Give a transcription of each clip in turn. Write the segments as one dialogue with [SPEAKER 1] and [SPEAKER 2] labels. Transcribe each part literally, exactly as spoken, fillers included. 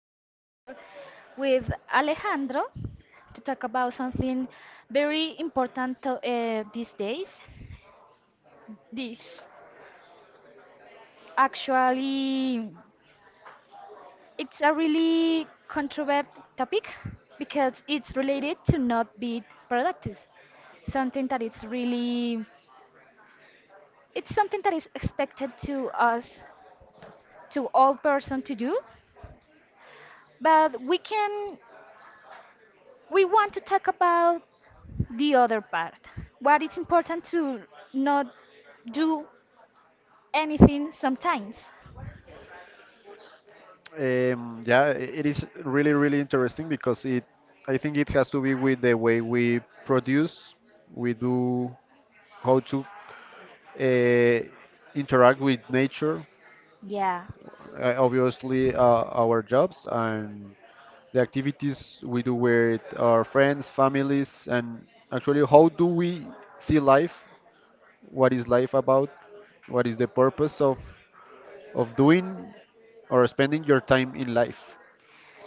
[SPEAKER 1] and I'm here with Alejandro to talk about something very important to, uh, these days. This actually it's a really controversial topic because it's related to not be productive. Something that is really it's something that is expected to us to all person to do, but we can we want to talk about the other part. What it's important to not do anything sometimes.
[SPEAKER 2] Um, yeah, i- it is really, really interesting because it, I think it has to be with the way we produce, we do, how to uh, interact with nature,
[SPEAKER 1] Yeah.
[SPEAKER 2] uh, obviously uh, our jobs and the activities we do with our friends, families, and actually how do we see life? What is life about? What is the purpose of of doing or spending your time in life?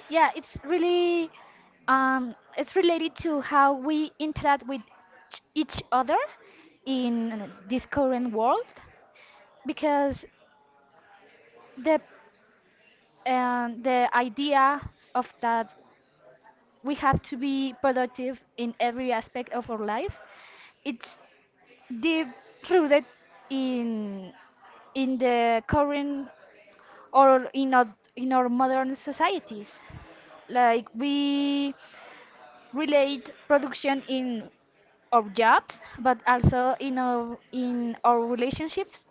[SPEAKER 1] Yeah, it's really um it's related to how we interact with ch- each other in this current world because the um, the idea of that we have to be productive in every aspect of our life it's deep rooted in in the current or in our, in our modern societies. Like we relate production in our jobs, but also in our in our relationships,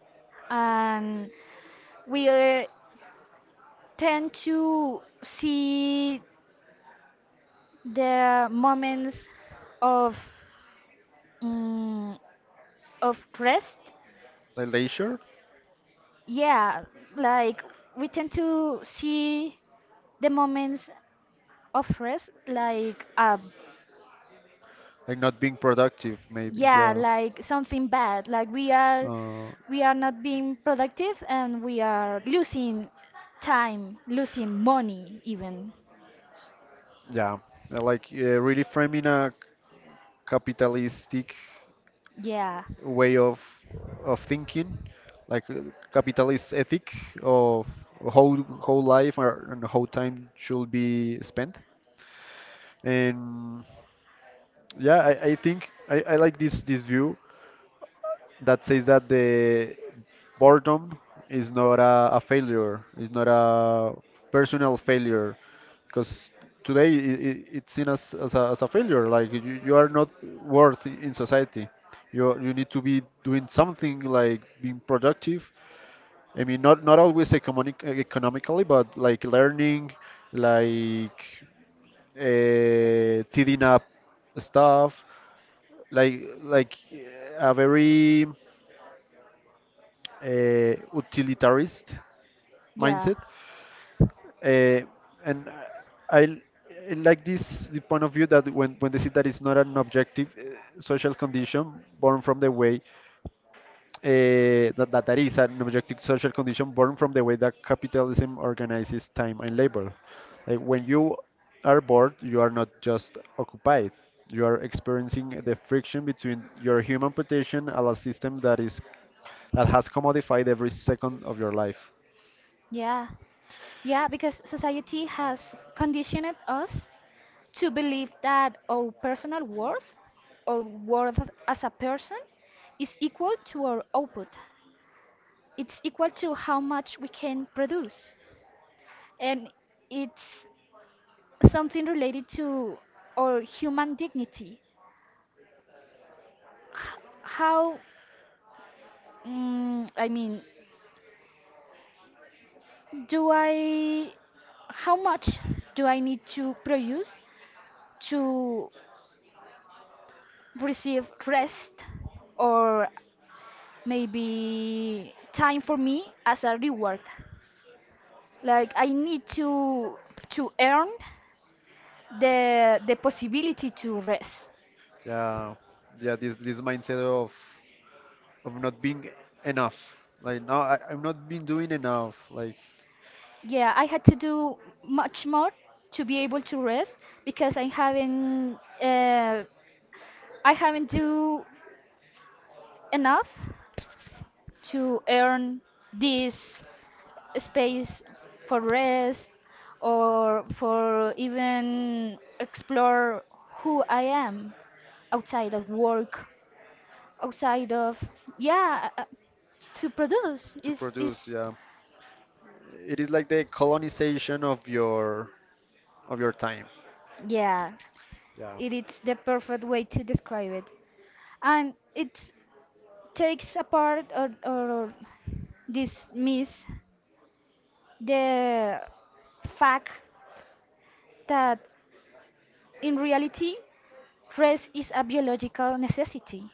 [SPEAKER 1] and we uh, tend to see the moments of mm of rest.
[SPEAKER 2] Like leisure?
[SPEAKER 1] Yeah, like we tend to see the moments of rest like uh
[SPEAKER 2] Like not being productive maybe,
[SPEAKER 1] yeah
[SPEAKER 2] yeah.
[SPEAKER 1] like something bad like we are
[SPEAKER 2] uh,
[SPEAKER 1] we are not being productive and we are losing time losing money even,
[SPEAKER 2] yeah Uh, like uh, really framing a capitalistic
[SPEAKER 1] yeah,
[SPEAKER 2] way of of thinking, like uh, capitalist ethic of how how life or, and how time should be spent. And yeah, i, I think I, I like this this view that says that the boredom is not a, a failure, it's not a personal failure, because today it, it's seen as, as, a, as a failure. Like you, you are not worth I- in society. You you need to be doing something like being productive. I mean, not not always economic, economically, but like learning, like uh, tidying up stuff, like like uh, a very uh, utilitarist
[SPEAKER 1] yeah,
[SPEAKER 2] mindset. Uh, and I, I like this, the point of view that when when they see that it's not an objective uh, social condition born from the way uh, that, that that is an objective social condition born from the way that capitalism organizes time and labor. Like when you are bored, you are not just occupied. You are experiencing the friction between your human potential and a system that is that has commodified every second of your life.
[SPEAKER 1] yeah, yeah, because society has conditioned us to believe that our personal worth or worth as a person is equal to our output, it's equal to how much we can produce, and it's something related to our human dignity. How, mm, I mean, do I, how much do I need to produce to receive rest or maybe time for me as a reward? Like I need to to earn the the possibility to rest.
[SPEAKER 2] Yeah, yeah. This this mindset of of not being enough. Like now, I, I'm not been doing enough. Like
[SPEAKER 1] Yeah, I had to do much more to be able to rest because I haven't uh, I haven't do enough to earn this space for rest or for even explore who I am outside of work, outside of, yeah, uh, to produce
[SPEAKER 2] to
[SPEAKER 1] is
[SPEAKER 2] produce.
[SPEAKER 1] is
[SPEAKER 2] Yeah, it is like the colonization of your of your time.
[SPEAKER 1] yeah,
[SPEAKER 2] Yeah,
[SPEAKER 1] it is the perfect way to describe it, and it's takes apart or, or dismiss the fact that in reality rest is a biological necessity.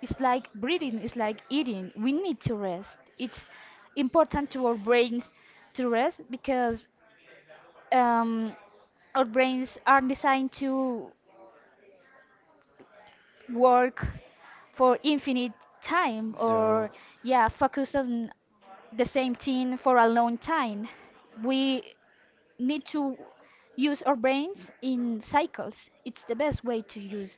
[SPEAKER 1] It's like breathing, it's like eating, we need to rest. It's important to our brains to rest because um, our brains are designed to work for infinite time
[SPEAKER 2] yeah.
[SPEAKER 1] or, yeah, focus on the same thing for a long time. We need to use our brains in cycles, it's the best way to use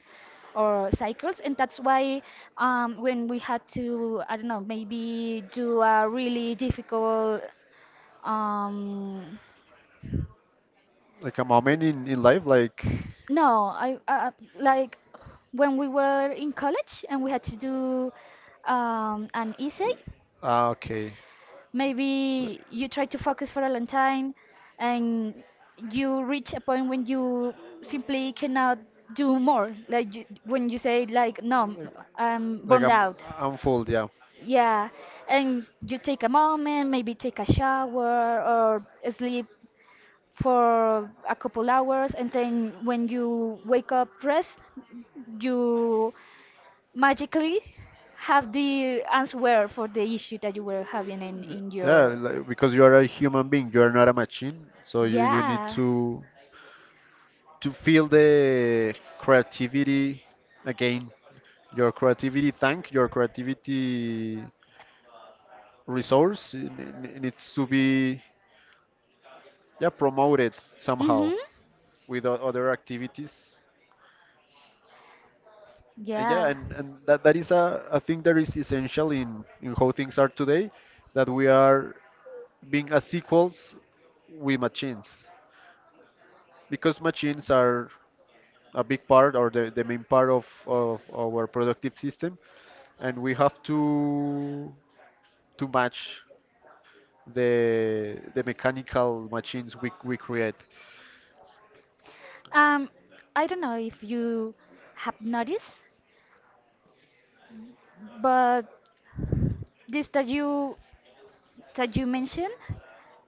[SPEAKER 1] our cycles, and that's why, um, when we had to, I don't know, maybe do a really difficult, um,
[SPEAKER 2] Like a moment in in life. Like
[SPEAKER 1] no, I uh, like when we were in college and we had to do, um, an essay.
[SPEAKER 2] ah, okay.
[SPEAKER 1] Maybe you try to focus for a long time and you reach a point when you simply cannot do more.
[SPEAKER 2] Like,
[SPEAKER 1] Like you, when you say like, no,
[SPEAKER 2] Like
[SPEAKER 1] I'm
[SPEAKER 2] like
[SPEAKER 1] burned
[SPEAKER 2] I'm
[SPEAKER 1] out.
[SPEAKER 2] I'm full, yeah.
[SPEAKER 1] Yeah, and you take a moment, maybe take a shower or sleep for a couple hours, and then when you wake up rest you magically have the answer for the issue that you were having in, in
[SPEAKER 2] Yeah,
[SPEAKER 1] your,
[SPEAKER 2] like, because you are a human being, you are not a machine, so you, you need
[SPEAKER 1] yeah.
[SPEAKER 2] to to feel the creativity again. Your creativity tank, your creativity resource it, it it needs to be yeah promoted somehow
[SPEAKER 1] Mm-hmm.
[SPEAKER 2] with o- other activities. And yeah,
[SPEAKER 1] Yeah,
[SPEAKER 2] and, and that, that is a, a thing that is essential in, in how things are today, that we are being a sequels with machines because machines are a big part or the, the main part of, of our productive system and we have to to match the the mechanical machines we, we create
[SPEAKER 1] um I don't know if you have noticed, but this that you that you mentioned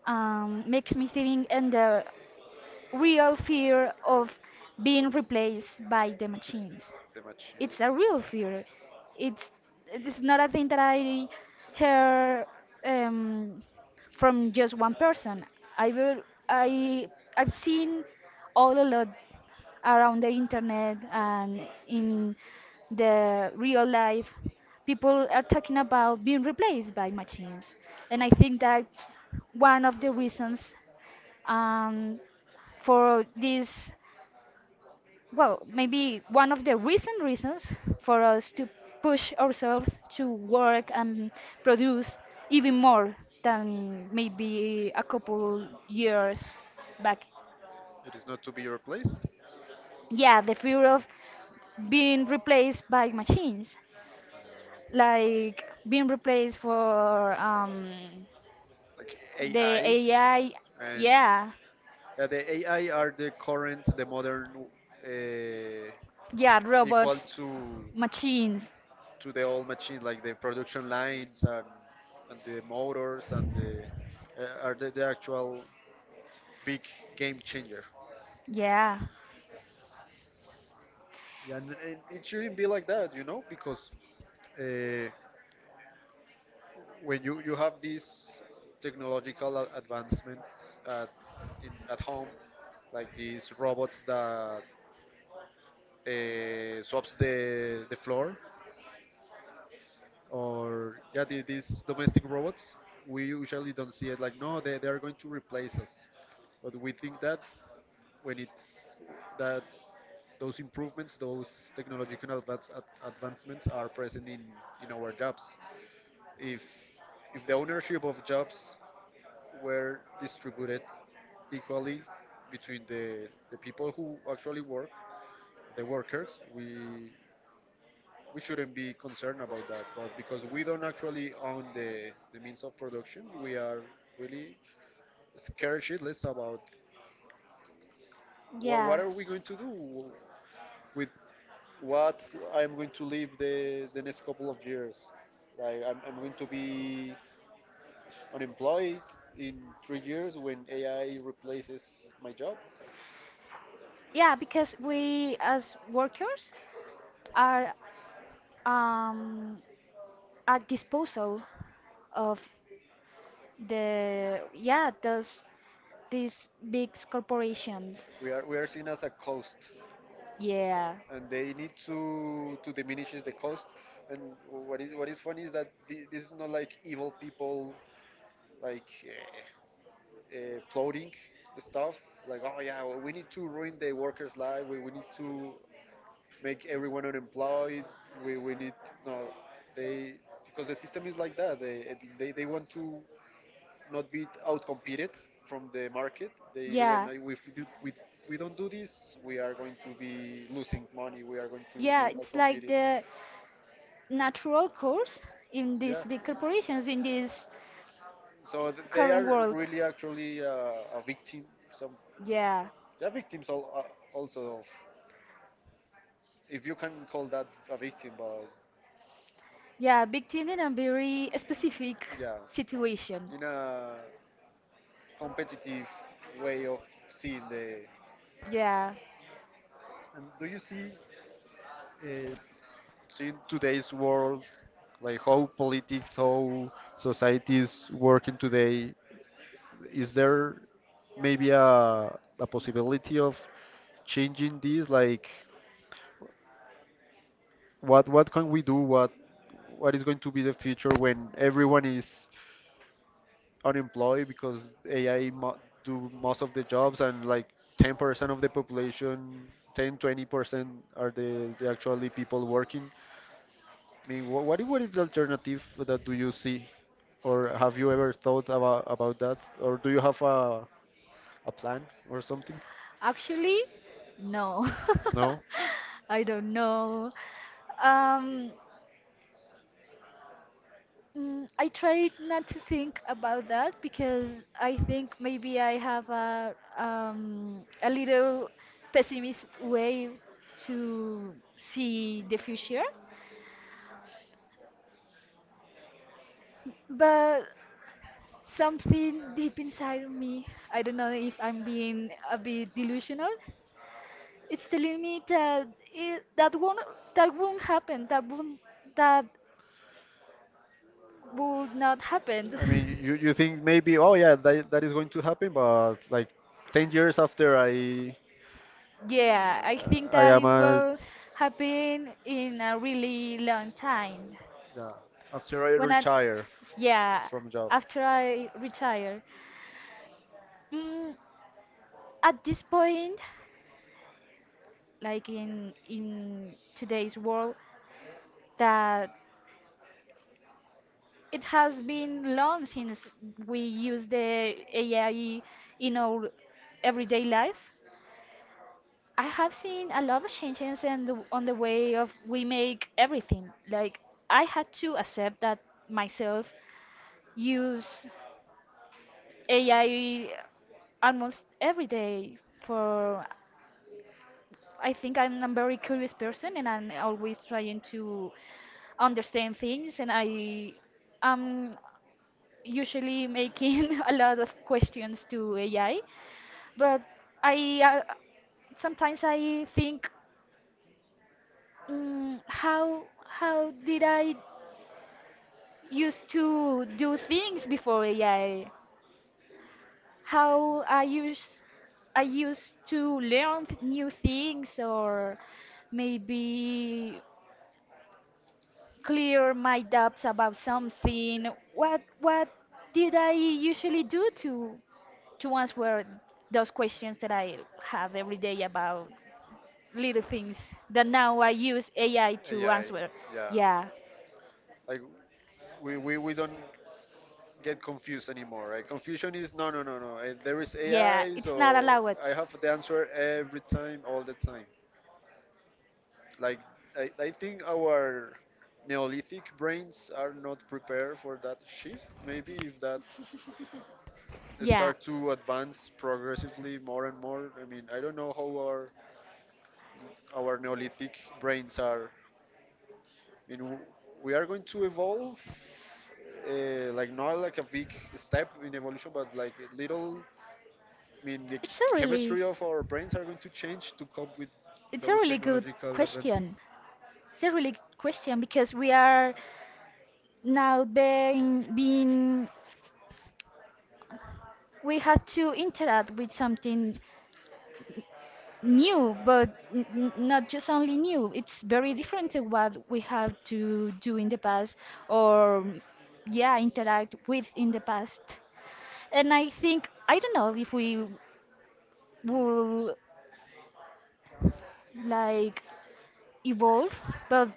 [SPEAKER 1] um, makes me think in the real fear of being replaced by the machines.
[SPEAKER 2] the
[SPEAKER 1] It's
[SPEAKER 2] machines.
[SPEAKER 1] a real fear. It's it's not a thing that I hear um, from just one person. I will I I've seen all a lot around the internet and in the real life people are talking about being replaced by machines, and I think that's one of the reasons, um, for this, well, maybe one of the recent reasons for us to push ourselves to work and produce even more than maybe a couple years back,
[SPEAKER 2] It is not to be replaced,
[SPEAKER 1] yeah, the fear of being replaced by machines, like being replaced for, um,
[SPEAKER 2] like
[SPEAKER 1] the
[SPEAKER 2] A I.
[SPEAKER 1] AI,
[SPEAKER 2] And
[SPEAKER 1] yeah,
[SPEAKER 2] yeah, the A I are the current, the modern
[SPEAKER 1] yeah,
[SPEAKER 2] uh, equal
[SPEAKER 1] robots,
[SPEAKER 2] to
[SPEAKER 1] machines,
[SPEAKER 2] to the old machines, like the production lines and, and the motors and the uh, are the, the actual big game changer.
[SPEAKER 1] yeah,
[SPEAKER 2] Yeah. And, and it shouldn't be like that, you know, because uh, when you, you have these technological a- advancements at, in, at home, like these robots that uh, swaps the, the floor, or yeah, the, these domestic robots, we usually don't see it like, no, they, they are going to replace us. But we think that when it's that those improvements, those technological advance, ad, advancements are present in, in our jobs. If if the ownership of jobs were distributed equally between the, the people who actually work, the workers. We we shouldn't be concerned about that, but because we don't actually own the, the means of production, we are really scared shitless about what,
[SPEAKER 1] yeah.
[SPEAKER 2] what are we going to do with what I'm going to live the, the next couple of years. Like I'm, I'm going to be unemployed in three years when A I replaces my job.
[SPEAKER 1] Yeah, because we as workers are, um, at disposal of the yeah, those these big corporations.
[SPEAKER 2] We are we are seen as a cost,
[SPEAKER 1] Yeah,
[SPEAKER 2] and they need to to diminish the cost. And what is what is funny is that thi- this is not like evil people like uh, uh, plotting stuff. Like oh yeah, well, we need to ruin the workers' life. We, we need to make everyone unemployed. We we need no they because the system is like that. They they, they want to not be outcompeted from the market. They will then,
[SPEAKER 1] yeah,
[SPEAKER 2] if we, do, we, we don't do this, we are going to be losing money. We are going to be
[SPEAKER 1] yeah. It's like
[SPEAKER 2] outcompeted.
[SPEAKER 1] the natural course in these
[SPEAKER 2] Yeah.
[SPEAKER 1] big corporations in this
[SPEAKER 2] So th- they
[SPEAKER 1] current
[SPEAKER 2] are
[SPEAKER 1] world.
[SPEAKER 2] really actually uh, a victim. Some
[SPEAKER 1] Yeah.
[SPEAKER 2] they are victims all, uh, also of if you can call that a victim, but
[SPEAKER 1] Yeah, big team in a very specific
[SPEAKER 2] yeah,
[SPEAKER 1] situation.
[SPEAKER 2] in a competitive way of seeing the
[SPEAKER 1] Yeah,
[SPEAKER 2] And do you see uh, see in today's world, like how politics, how society is working today, is there maybe a a possibility of changing this? Like, what what can we do? What what is going to be the future when everyone is unemployed because A I mo do most of the jobs and like ten percent of the population, ten, twenty percent are the, the actually people working. I mean, wha- what what is the alternative that do you see, or have you ever thought about about that, or do you have a a plan or something?
[SPEAKER 1] actually, no.
[SPEAKER 2] No.
[SPEAKER 1] I don't know. Um, mm, I try not to think about that because I think maybe I have a, um, a little pessimist way to see the future, but something deep inside of me, I don't know if I'm being a bit delusional, it's telling me that, it, that won't that won't happen. That won't that would not happen.
[SPEAKER 2] I mean, you you think maybe, oh yeah, that that is going to happen, but like ten years after I
[SPEAKER 1] Yeah, I think
[SPEAKER 2] I
[SPEAKER 1] that
[SPEAKER 2] am
[SPEAKER 1] it
[SPEAKER 2] a
[SPEAKER 1] will happen in a really long time.
[SPEAKER 2] yeah after I
[SPEAKER 1] When I
[SPEAKER 2] retire
[SPEAKER 1] Yeah,
[SPEAKER 2] from job.
[SPEAKER 1] after I retire. Mm, at this point, like in in today's world, that it has been long since we use the A I in our everyday life. I have seen a lot of changes in the, on the way of we make everything. Like I had to accept that myself use A I almost every day for, I think I'm a very curious person and I'm always trying to understand things, and I am usually making a lot of questions to A I, but I, uh, sometimes I think, Mm, how how did I used to do things before A I? How I used I used to learn th- new things, or maybe clear my doubts about something. What what did I usually do to to answer those questions that I have every day about little things that now I use A I to
[SPEAKER 2] A I,
[SPEAKER 1] answer?
[SPEAKER 2] yeah.
[SPEAKER 1] Yeah.
[SPEAKER 2] Like we, we, we don't get confused anymore, right? Confusion is no, no, no, no. Eh, there is yeah,
[SPEAKER 1] Yeah,
[SPEAKER 2] A I, not
[SPEAKER 1] it's not
[SPEAKER 2] so
[SPEAKER 1] allowed.
[SPEAKER 2] I have the answer every time, all the time. Like I, I think our Neolithic brains are not prepared for that shift. Maybe if that
[SPEAKER 1] Yeah,
[SPEAKER 2] start to advance progressively more and more. I mean, I don't know how our our Neolithic brains are. I mean, w- we are going to evolve, uh, like not like a big step in evolution, but like a little. I mean, the
[SPEAKER 1] it's
[SPEAKER 2] ch-
[SPEAKER 1] a really,
[SPEAKER 2] chemistry of our brains are going to change to cope with
[SPEAKER 1] it's a
[SPEAKER 2] those
[SPEAKER 1] really good
[SPEAKER 2] technological
[SPEAKER 1] question.
[SPEAKER 2] advances.
[SPEAKER 1] It's a really good question because we are now being, being we have to interact with something new, but n n- not just only new. It's very different to what we have to do in the past, or, yeah, interact with in the past. And I think I don't know if we will, like, evolve, but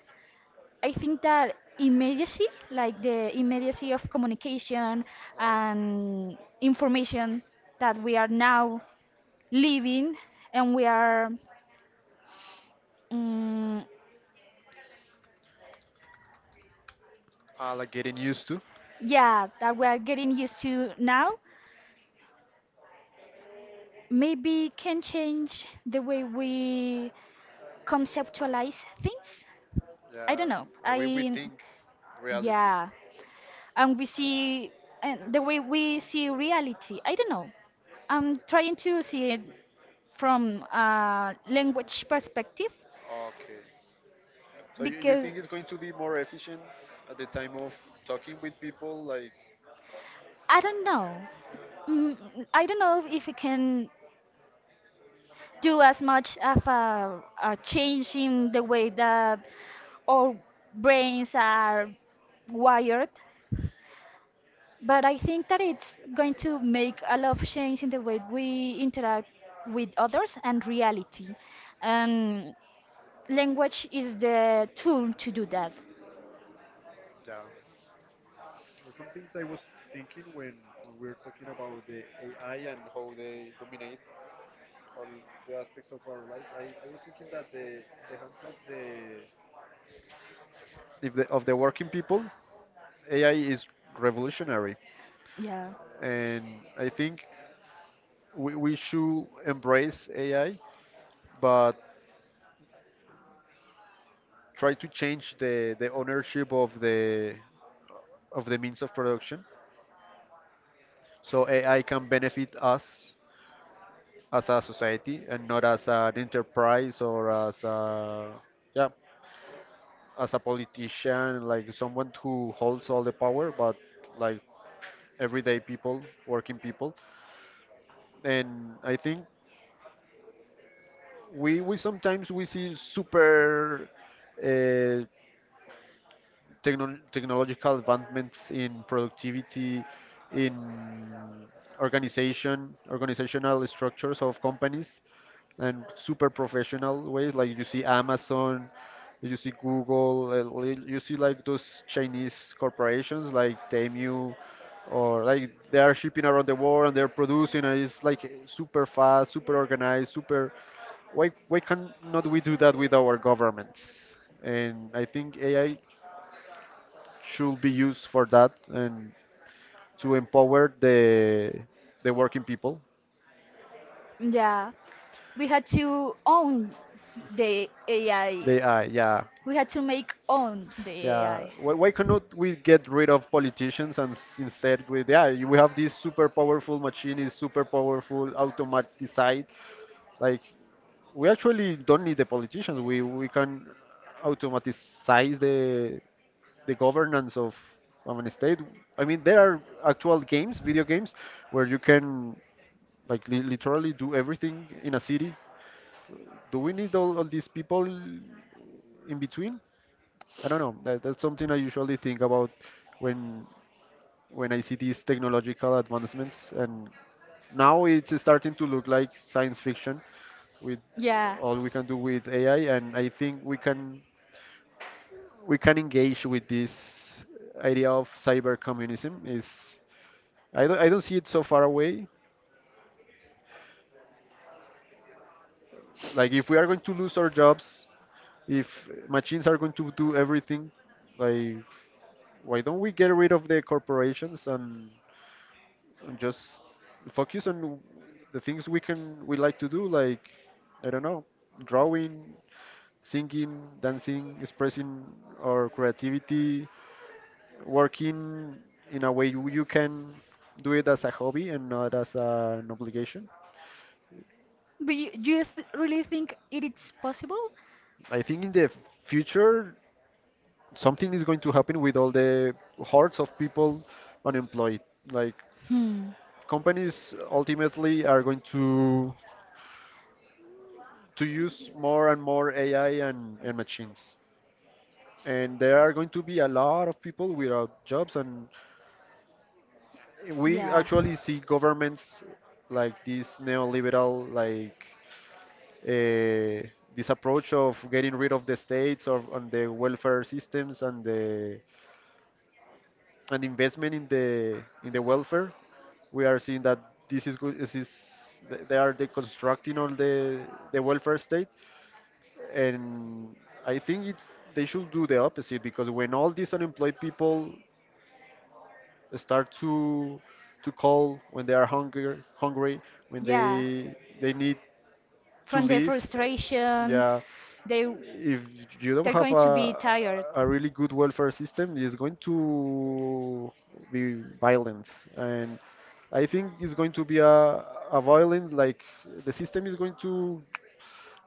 [SPEAKER 1] I think that immediacy, like the immediacy of communication
[SPEAKER 2] Like
[SPEAKER 1] and information that we are now living and we are, mm
[SPEAKER 2] uh, like getting used to
[SPEAKER 1] yeah, that we are getting used to now, maybe can change the way we conceptualize things. I
[SPEAKER 2] yeah
[SPEAKER 1] don't know.
[SPEAKER 2] the way we
[SPEAKER 1] I
[SPEAKER 2] think reality
[SPEAKER 1] Yeah. And we see, and the way we see reality I don't know, I'm trying to see it from a language perspective
[SPEAKER 2] okay so you, you
[SPEAKER 1] because
[SPEAKER 2] think it's going to be more efficient at the time of talking with people like
[SPEAKER 1] i don't know Mm, I don't know if it can do as much of a, a change in the way that our brains are wired, but I think that it's going to make a lot of change in the way we interact with others and reality. um, Language is the tool to do that.
[SPEAKER 2] yeah. Uh, Some things I was thinking when we were talking about the A I and how they dominate all the aspects of our lives. I, I was thinking that the in the hands of the if the, of the working people ai is revolutionary
[SPEAKER 1] Yeah.
[SPEAKER 2] and I think we, we should embrace ai but try to change the, the ownership of the of the means of production so A I can benefit us as a society and not as an enterprise or as a yeah as a politician like someone who holds all the power but like everyday people working people. And I think we we sometimes we see super uh, techno- technological advancements in productivity, in organization, organizational structures of companies, and super professional ways. Like you see Amazon, you see Google, uh, li- you see like those Chinese corporations like Temu, or like they are shipping around the world and they're producing, and it's like super fast, super organized, super. Why why can not we do that with our governments? And I think A I should be used for that and to empower the the working people.
[SPEAKER 1] Yeah. We had to own the A I.
[SPEAKER 2] The A I, yeah,
[SPEAKER 1] We had to make own the
[SPEAKER 2] yeah.
[SPEAKER 1] A I.
[SPEAKER 2] Why, why cannot we get rid of politicians and s- instead with yeah, you- we have this super powerful machine, is super powerful, automatized. Like we actually don't need the politicians. We we can automatize the the governance of of an state. I mean, there are actual games, video games, where you can like li- literally do everything in a city. Do we need all, all these people in between? I don't know. That, that's something I usually think about when when I see these technological advancements, and now it's starting to look like science fiction with
[SPEAKER 1] Yeah.
[SPEAKER 2] all we can do with A I, and I think we can we can engage with this idea of cyber communism. Is I don't I don't see it so far away. Like if we are going to lose our jobs. If machines are going to do everything, like why don't we get rid of the corporations and, and just focus on the things we can we like to do, like I don't know, drawing, singing, dancing, expressing our creativity, working in a way you you can do it as a hobby and not as an obligation.
[SPEAKER 1] But you, do you th- really think it is possible?
[SPEAKER 2] I think in the future something is going to happen with all the hordes of people unemployed. Like
[SPEAKER 1] Hmm.
[SPEAKER 2] companies ultimately are going to to use more and more A I and, and machines. And there are going to be a lot of people without jobs and we
[SPEAKER 1] Yeah.
[SPEAKER 2] actually see governments like this neoliberal like uh, this approach of getting rid of the states or on the welfare systems and the and investment in the in the welfare. We are seeing that this is good this is they they are deconstructing all the the welfare state. And I think it's they should do the opposite, because when all these unemployed people start to to call when they are hungry, hungry, when
[SPEAKER 1] Yeah,
[SPEAKER 2] they they need to
[SPEAKER 1] from the
[SPEAKER 2] leave,
[SPEAKER 1] frustration
[SPEAKER 2] yeah,
[SPEAKER 1] they
[SPEAKER 2] if you don't
[SPEAKER 1] they're
[SPEAKER 2] have
[SPEAKER 1] going to be
[SPEAKER 2] a
[SPEAKER 1] tired,
[SPEAKER 2] a really good welfare system, it's going to be violent and. I think it's going to be a, a violent, like the system is going to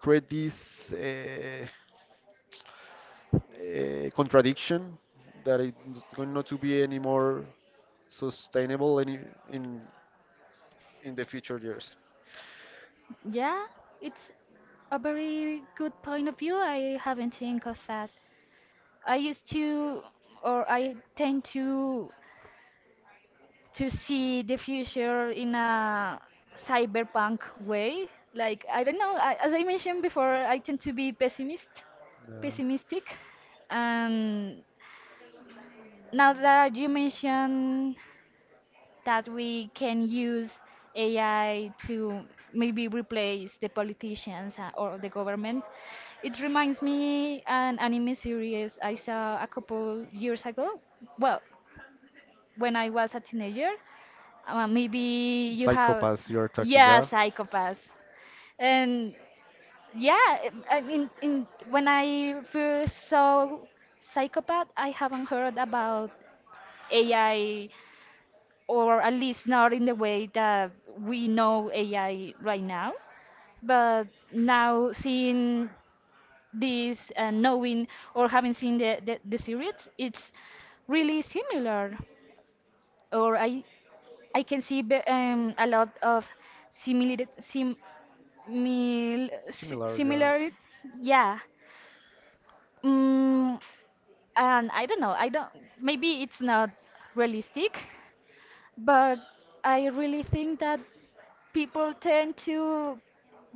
[SPEAKER 2] create this uh, uh, contradiction that it's going not to be any more sustainable any in in the future years.
[SPEAKER 1] yeah, it's a very good point of view, I haven't think of that. i used to or i tend to to see the future in a cyberpunk way, like I don't know, I, as I mentioned before I tend to be pessimist
[SPEAKER 2] Yeah.
[SPEAKER 1] pessimistic, and now that you mention that we can use A I to maybe replace the politicians, uh, or the government. It reminds me an anime series I saw a couple years ago. Well, when I was a teenager, uh, maybe you have,
[SPEAKER 2] Psychopaths, you are talking
[SPEAKER 1] yeah,
[SPEAKER 2] about.
[SPEAKER 1] psychopaths. And yeah, I I mean, in, when I first saw Psychopath, I haven't heard about A I, or at least not in the way that we know A I right now. But now seeing this and knowing, or having seen the, the, the series, it's really similar. Or I I can see be- um, a lot of similar sim, mil, si, similar, yeah. Mm, and I don't know. I don't. Maybe it's not realistic, but I really think that people tend to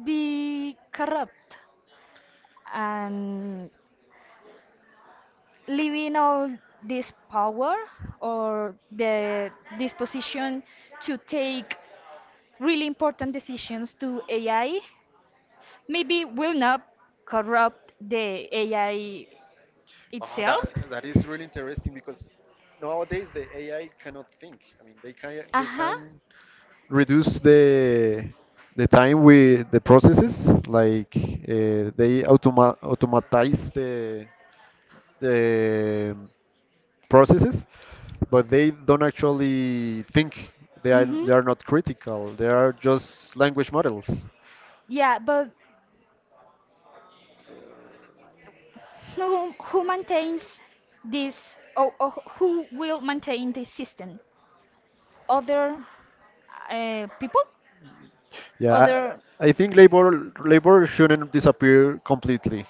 [SPEAKER 1] be corrupt, and leaving all this power or the disposition to take really important decisions to A I maybe will not corrupt the A I
[SPEAKER 2] Oh, that
[SPEAKER 1] itself.
[SPEAKER 2] that is really interesting, because nowadays the A I cannot think. I mean, they can they
[SPEAKER 1] Uh-huh.
[SPEAKER 2] can reduce the the time with the processes, like uh, they automa automatize the the processes, but they don't actually think. They are
[SPEAKER 1] Mm-hmm.
[SPEAKER 2] they are not critical. They are just language models.
[SPEAKER 1] Yeah, but Who, who maintains this, or, or who will maintain this system? Other, uh, people?
[SPEAKER 2] Yeah,
[SPEAKER 1] Other,
[SPEAKER 2] I, I think labor labor shouldn't disappear completely.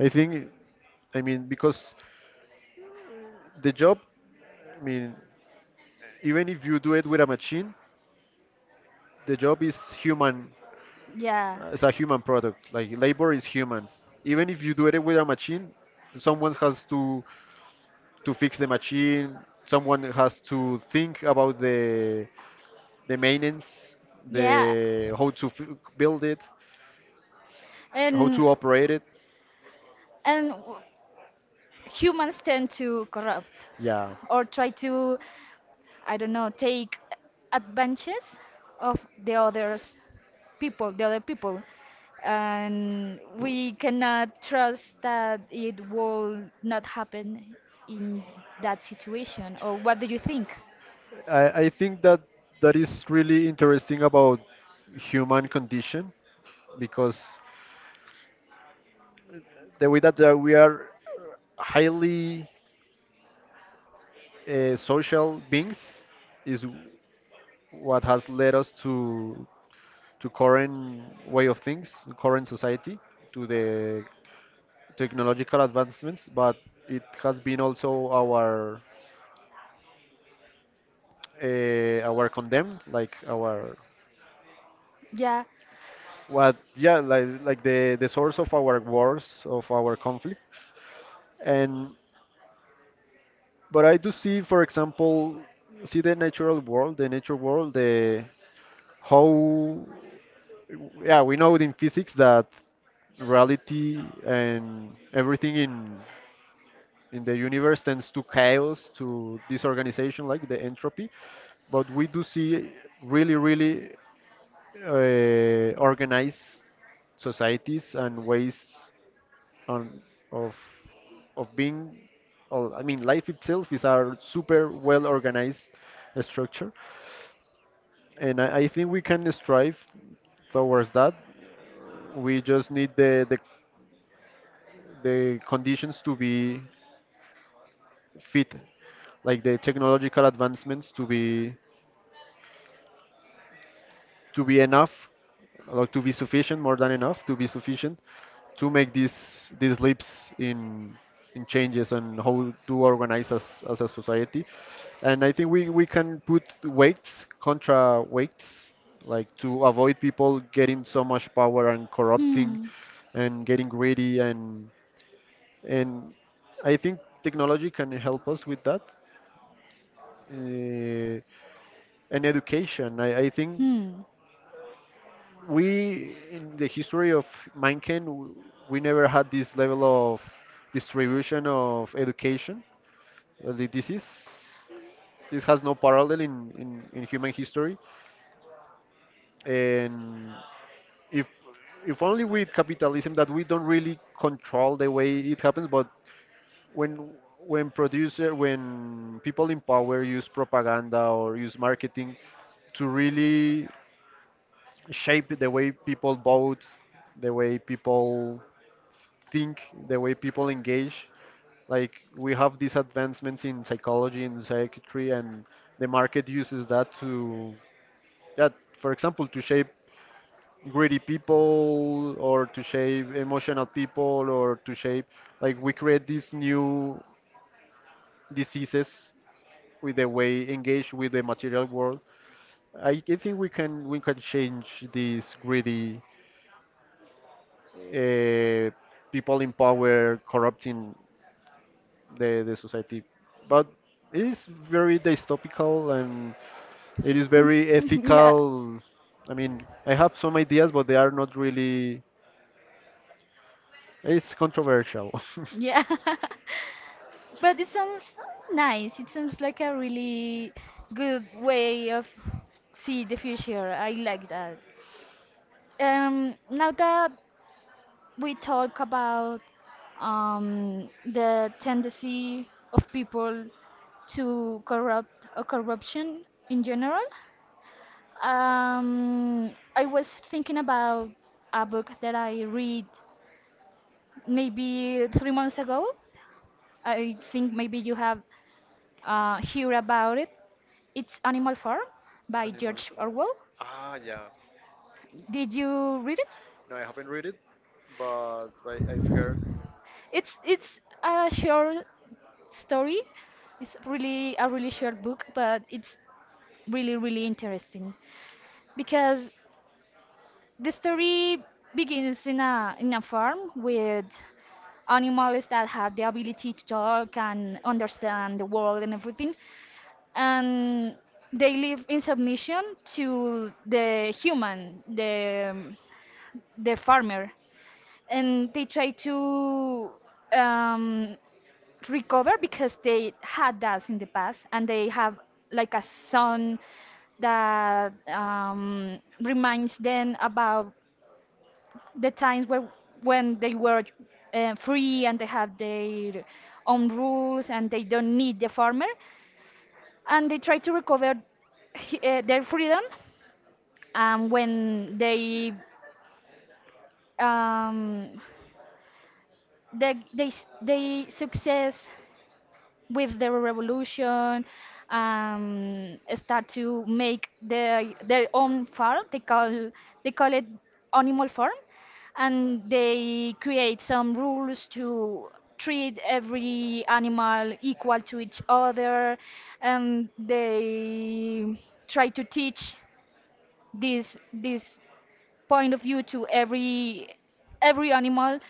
[SPEAKER 2] I think, I mean, because the job, I mean, even if you do it with a machine, the job is human.
[SPEAKER 1] yeah,
[SPEAKER 2] uh, It's a human product. Like labor is human. Even if you do it with a machine, someone has to to fix the machine. Someone has to think about the the maintenance,
[SPEAKER 1] yeah.
[SPEAKER 2] the how to f build it, how
[SPEAKER 1] And
[SPEAKER 2] to operate it.
[SPEAKER 1] and humans tend to corrupt
[SPEAKER 2] Yeah.
[SPEAKER 1] or try to, I don't know, take advantages of the others people, the other people. And we cannot trust that it will not happen in that situation. Or what do you think?
[SPEAKER 2] I, I think that that is really interesting about human condition, because the way that uh, we are highly uh, social beings is what has led us to to current way of things, current society, to the technological advancements, but it has been also our uh, our condemned, like our
[SPEAKER 1] Yeah.
[SPEAKER 2] what, yeah, like like the the source of our wars, of our conflicts, and but I do see, for example, see the natural world, the nature world, the how, yeah, we know in physics that reality and everything in in the universe tends to chaos, to disorganization, like the entropy. But we do see really, really uh, organized societies and ways on of of being. Or, I mean, life itself is a super well organized structure, and I, I think we can strive towards that. We just need the the the conditions to be fit, like the technological advancements to be to be enough or to be sufficient more than enough to be sufficient to make these these leaps in in changes and how to organize as, as a society. And I think we, we can put weights contra weights, like to avoid people getting so much power and corrupting
[SPEAKER 1] Hmm.
[SPEAKER 2] and getting greedy and and I think technology can help us with that, uh, and education. I, I think
[SPEAKER 1] Hmm.
[SPEAKER 2] we, in the history of mankind, w- we never had this level of distribution of education. Uh, thi- This is this has no parallel in, in, in human history, and if if only with capitalism, that we don't really control the way it happens, but when when producer when people in power use propaganda or use marketing to really shape the way people vote, the way people think, the way people engage. Like we have these advancements in psychology and psychiatry, and the market uses that to, yeah, for example, to shape greedy people or to shape emotional people or to shape, like we create these new diseases with the way engaged with the material world. I, I think we can we can change this greedy uh, people in power corrupting the, the society. But it is very dystopical and it is very
[SPEAKER 1] Yeah.
[SPEAKER 2] ethical. I mean, I have some ideas, but they are not really. It's controversial.
[SPEAKER 1] Yeah. But it sounds nice. It sounds like a really good way of see the future. I like that. Um, now that we talk about, um, the tendency of people to corrupt or corruption in general, um, I was thinking about a book that I read maybe three months ago. I think maybe you have, uh, heard about it. It's Animal Farm by
[SPEAKER 2] Animal
[SPEAKER 1] George
[SPEAKER 2] Farm.
[SPEAKER 1] Orwell.
[SPEAKER 2] Ah, yeah.
[SPEAKER 1] Did you read it?
[SPEAKER 2] No, I haven't read it, but I, I've heard.
[SPEAKER 1] It's it's a short story. It's really a really short book, but it's really really interesting because the story begins in a in a farm with animals that have the ability to talk and understand the world and everything, and they live in submission to the human, the the farmer, and they try to, um, recover because they had that in the past, and they have like a son that, um, reminds them about the times where when they were, uh, free, and they have their own rules and they don't need the farmer, and they try to recover he- uh, their freedom. And when they um, they, they s- they success with the revolution, um, start to make their their own farm. They call they call it Animal Farm, and they create some rules to treat every animal equal to each other, and they try to teach this this point of view to every every animal,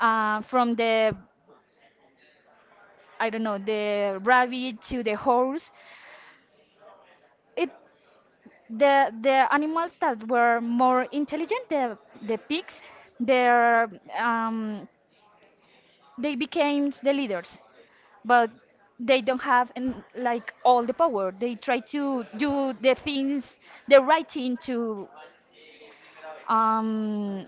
[SPEAKER 1] uh, from the I don't know the rabbit to the horse. It the the animals that were more intelligent, the the pigs, their um, they became the leaders, but they don't have an, like all the power. They try to do the things, the right thing to, um,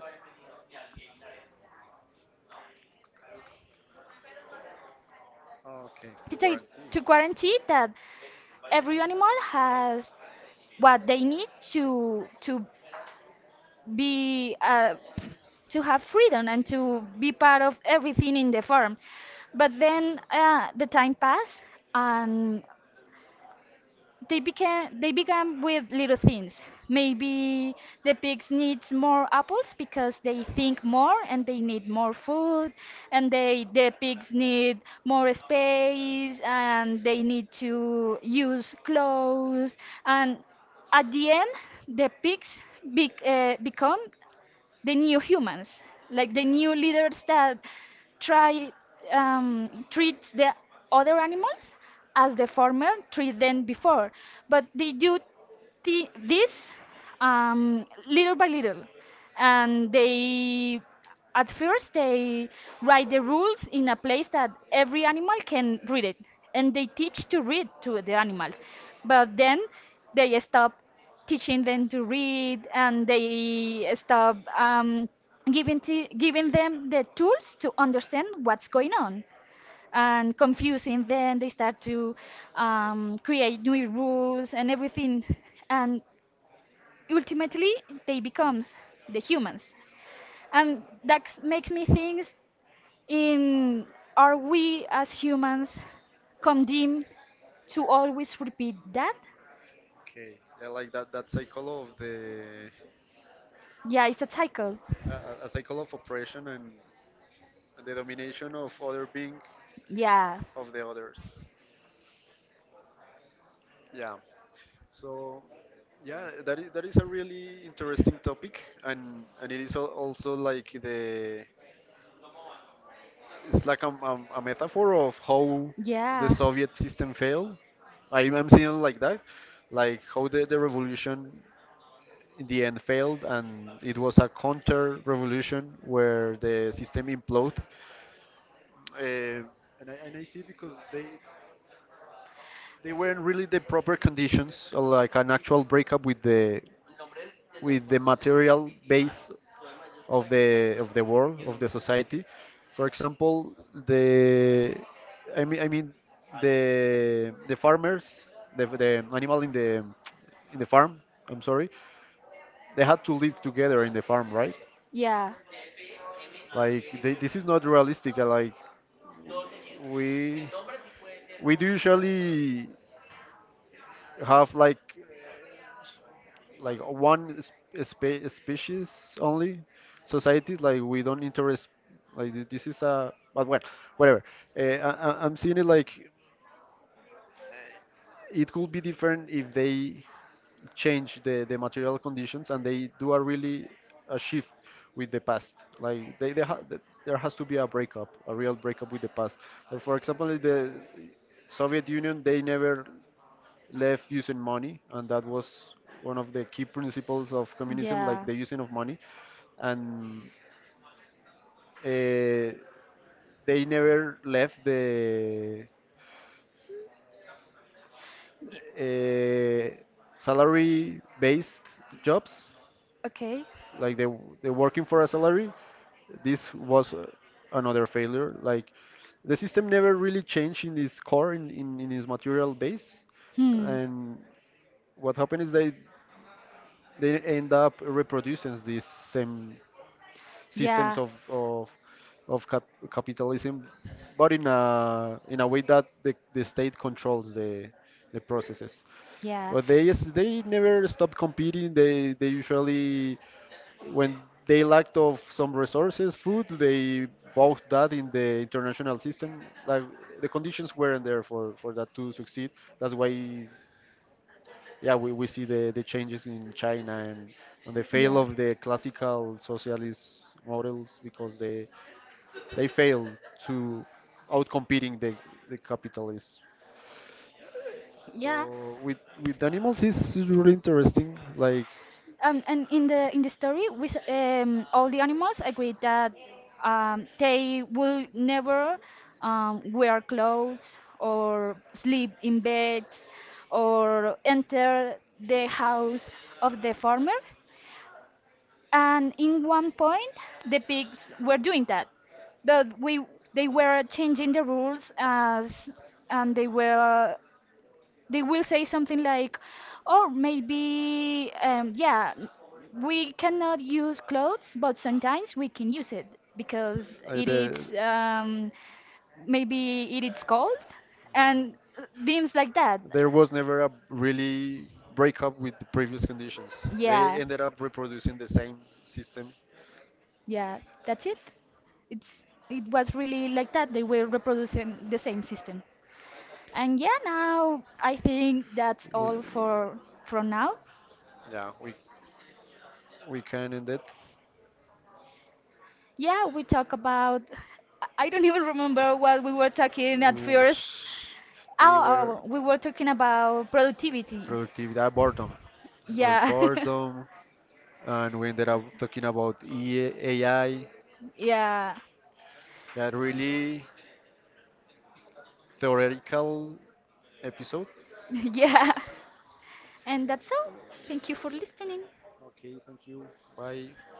[SPEAKER 2] Okay, the
[SPEAKER 1] to take-
[SPEAKER 2] warranty.
[SPEAKER 1] to guarantee that every animal has what they need to to be, uh, to have freedom and to be part of everything in the farm. But then, uh, the time passed, and they became they began with little things. Maybe the pigs needs more apples because they think more and they need more food, and they the pigs need more space and they need to use clothes, and at the end the pigs bec- uh, become the new humans, like the new leaders that try, um, treat the other animals as the former treat them before. But they do thi- this um, little by little, and they at first they write the rules in a place that every animal can read it, and they teach to read to the animals, but then they stop teaching them to read and they stop, um, giving, t- giving them the tools to understand what's going on, and confusing them they start to, um, create new rules and everything, and ultimately they becomes the humans. And that makes me think in, are we as humans condemned to always repeat that?
[SPEAKER 2] Okay, I like that that cycle of the
[SPEAKER 1] Yeah, it's a cycle.
[SPEAKER 2] a, a cycle of oppression and the domination of other being,
[SPEAKER 1] Yeah,
[SPEAKER 2] of the others. Yeah. So, yeah, that is that is a really interesting topic, and and it is al- also like the it's like a, a, a metaphor of how the
[SPEAKER 1] yeah.
[SPEAKER 2] Soviet system failed. I, I'm seeing it like that, like how the, the revolution in the end failed, and it was a counter revolution where the system imploded. Uh, and, I, and I see because they they weren't really the proper conditions, uh, like an actual breakup with the with the material base of the of the world of the society. For example, the I mean I mean the the farmers, the the animal in the in the farm. I'm sorry, they had to live together in the farm, right?
[SPEAKER 1] Yeah,
[SPEAKER 2] Like they, this is not realistic. uh, Like we we do usually have like like one sp- spe species only societies, like we don't interest, like th- this is a, but well, whatever, uh, I, I- I'm seeing it like it could be different if they change the, the material conditions and they do a really a shift with the past, like they, they ha- th- there has to be a breakup, a real breakup with the past. Like, for example, the Soviet Union, they never left using money, and that was one of the key principles of communism, like
[SPEAKER 1] yeah.
[SPEAKER 2] the using of money. And uh, they never left the
[SPEAKER 1] y-
[SPEAKER 2] uh, salary-based jobs,
[SPEAKER 1] Okay.
[SPEAKER 2] like they they're working for a salary. This was uh, another failure. Like the system never really changed in its core, in in, in its material base,
[SPEAKER 1] Hmm.
[SPEAKER 2] and what happened is they they end up reproducing these same systems
[SPEAKER 1] Yeah,
[SPEAKER 2] of of, of cap- capitalism, but in a in a way that the, the state controls the the processes.
[SPEAKER 1] yeah.
[SPEAKER 2] But they is- they never stop competing. They they usually, when they lacked of some resources, food, they bought that in the international system. Like the conditions weren't there for for that to succeed. That's why, yeah, we, we see the, the changes in China, and, and the fail
[SPEAKER 1] Yeah.
[SPEAKER 2] of the classical socialist models because they they fail to outcompeting the, the capitalists.
[SPEAKER 1] Yeah.
[SPEAKER 2] So with with animals is is really interesting. Like
[SPEAKER 1] Um, and in the in the story, we, s- um, all the animals agreed that, um, they will never, um, wear clothes or sleep in beds or enter the house of the farmer. And in one point, the pigs were doing that, but we they were changing the rules, as and they were they will say something like, or maybe, um, yeah, n- we cannot use clothes, but sometimes we can use it because
[SPEAKER 2] like
[SPEAKER 1] it
[SPEAKER 2] the
[SPEAKER 1] is, um, maybe it is cold, and uh, things like that.
[SPEAKER 2] there was never a really breakup with the previous conditions. They
[SPEAKER 1] Yeah,
[SPEAKER 2] ended up reproducing the same system.
[SPEAKER 1] yeah, that's it. It's it was really like that. They were reproducing the same system. And yeah, now I think that's
[SPEAKER 2] We,
[SPEAKER 1] all for for now.
[SPEAKER 2] yeah, we we can end it.
[SPEAKER 1] Yeah, we talk about. I I don't even remember what we were talking at first.
[SPEAKER 2] Whoosh. We
[SPEAKER 1] Oh,
[SPEAKER 2] were
[SPEAKER 1] oh we were talking about productivity.
[SPEAKER 2] productivity, uh, boredom, well,
[SPEAKER 1] Yeah,
[SPEAKER 2] boredom, and we ended up talking about E- A I.
[SPEAKER 1] yeah,
[SPEAKER 2] That really theoretical episode
[SPEAKER 1] yeah. And that's all. Thank you for listening.
[SPEAKER 2] by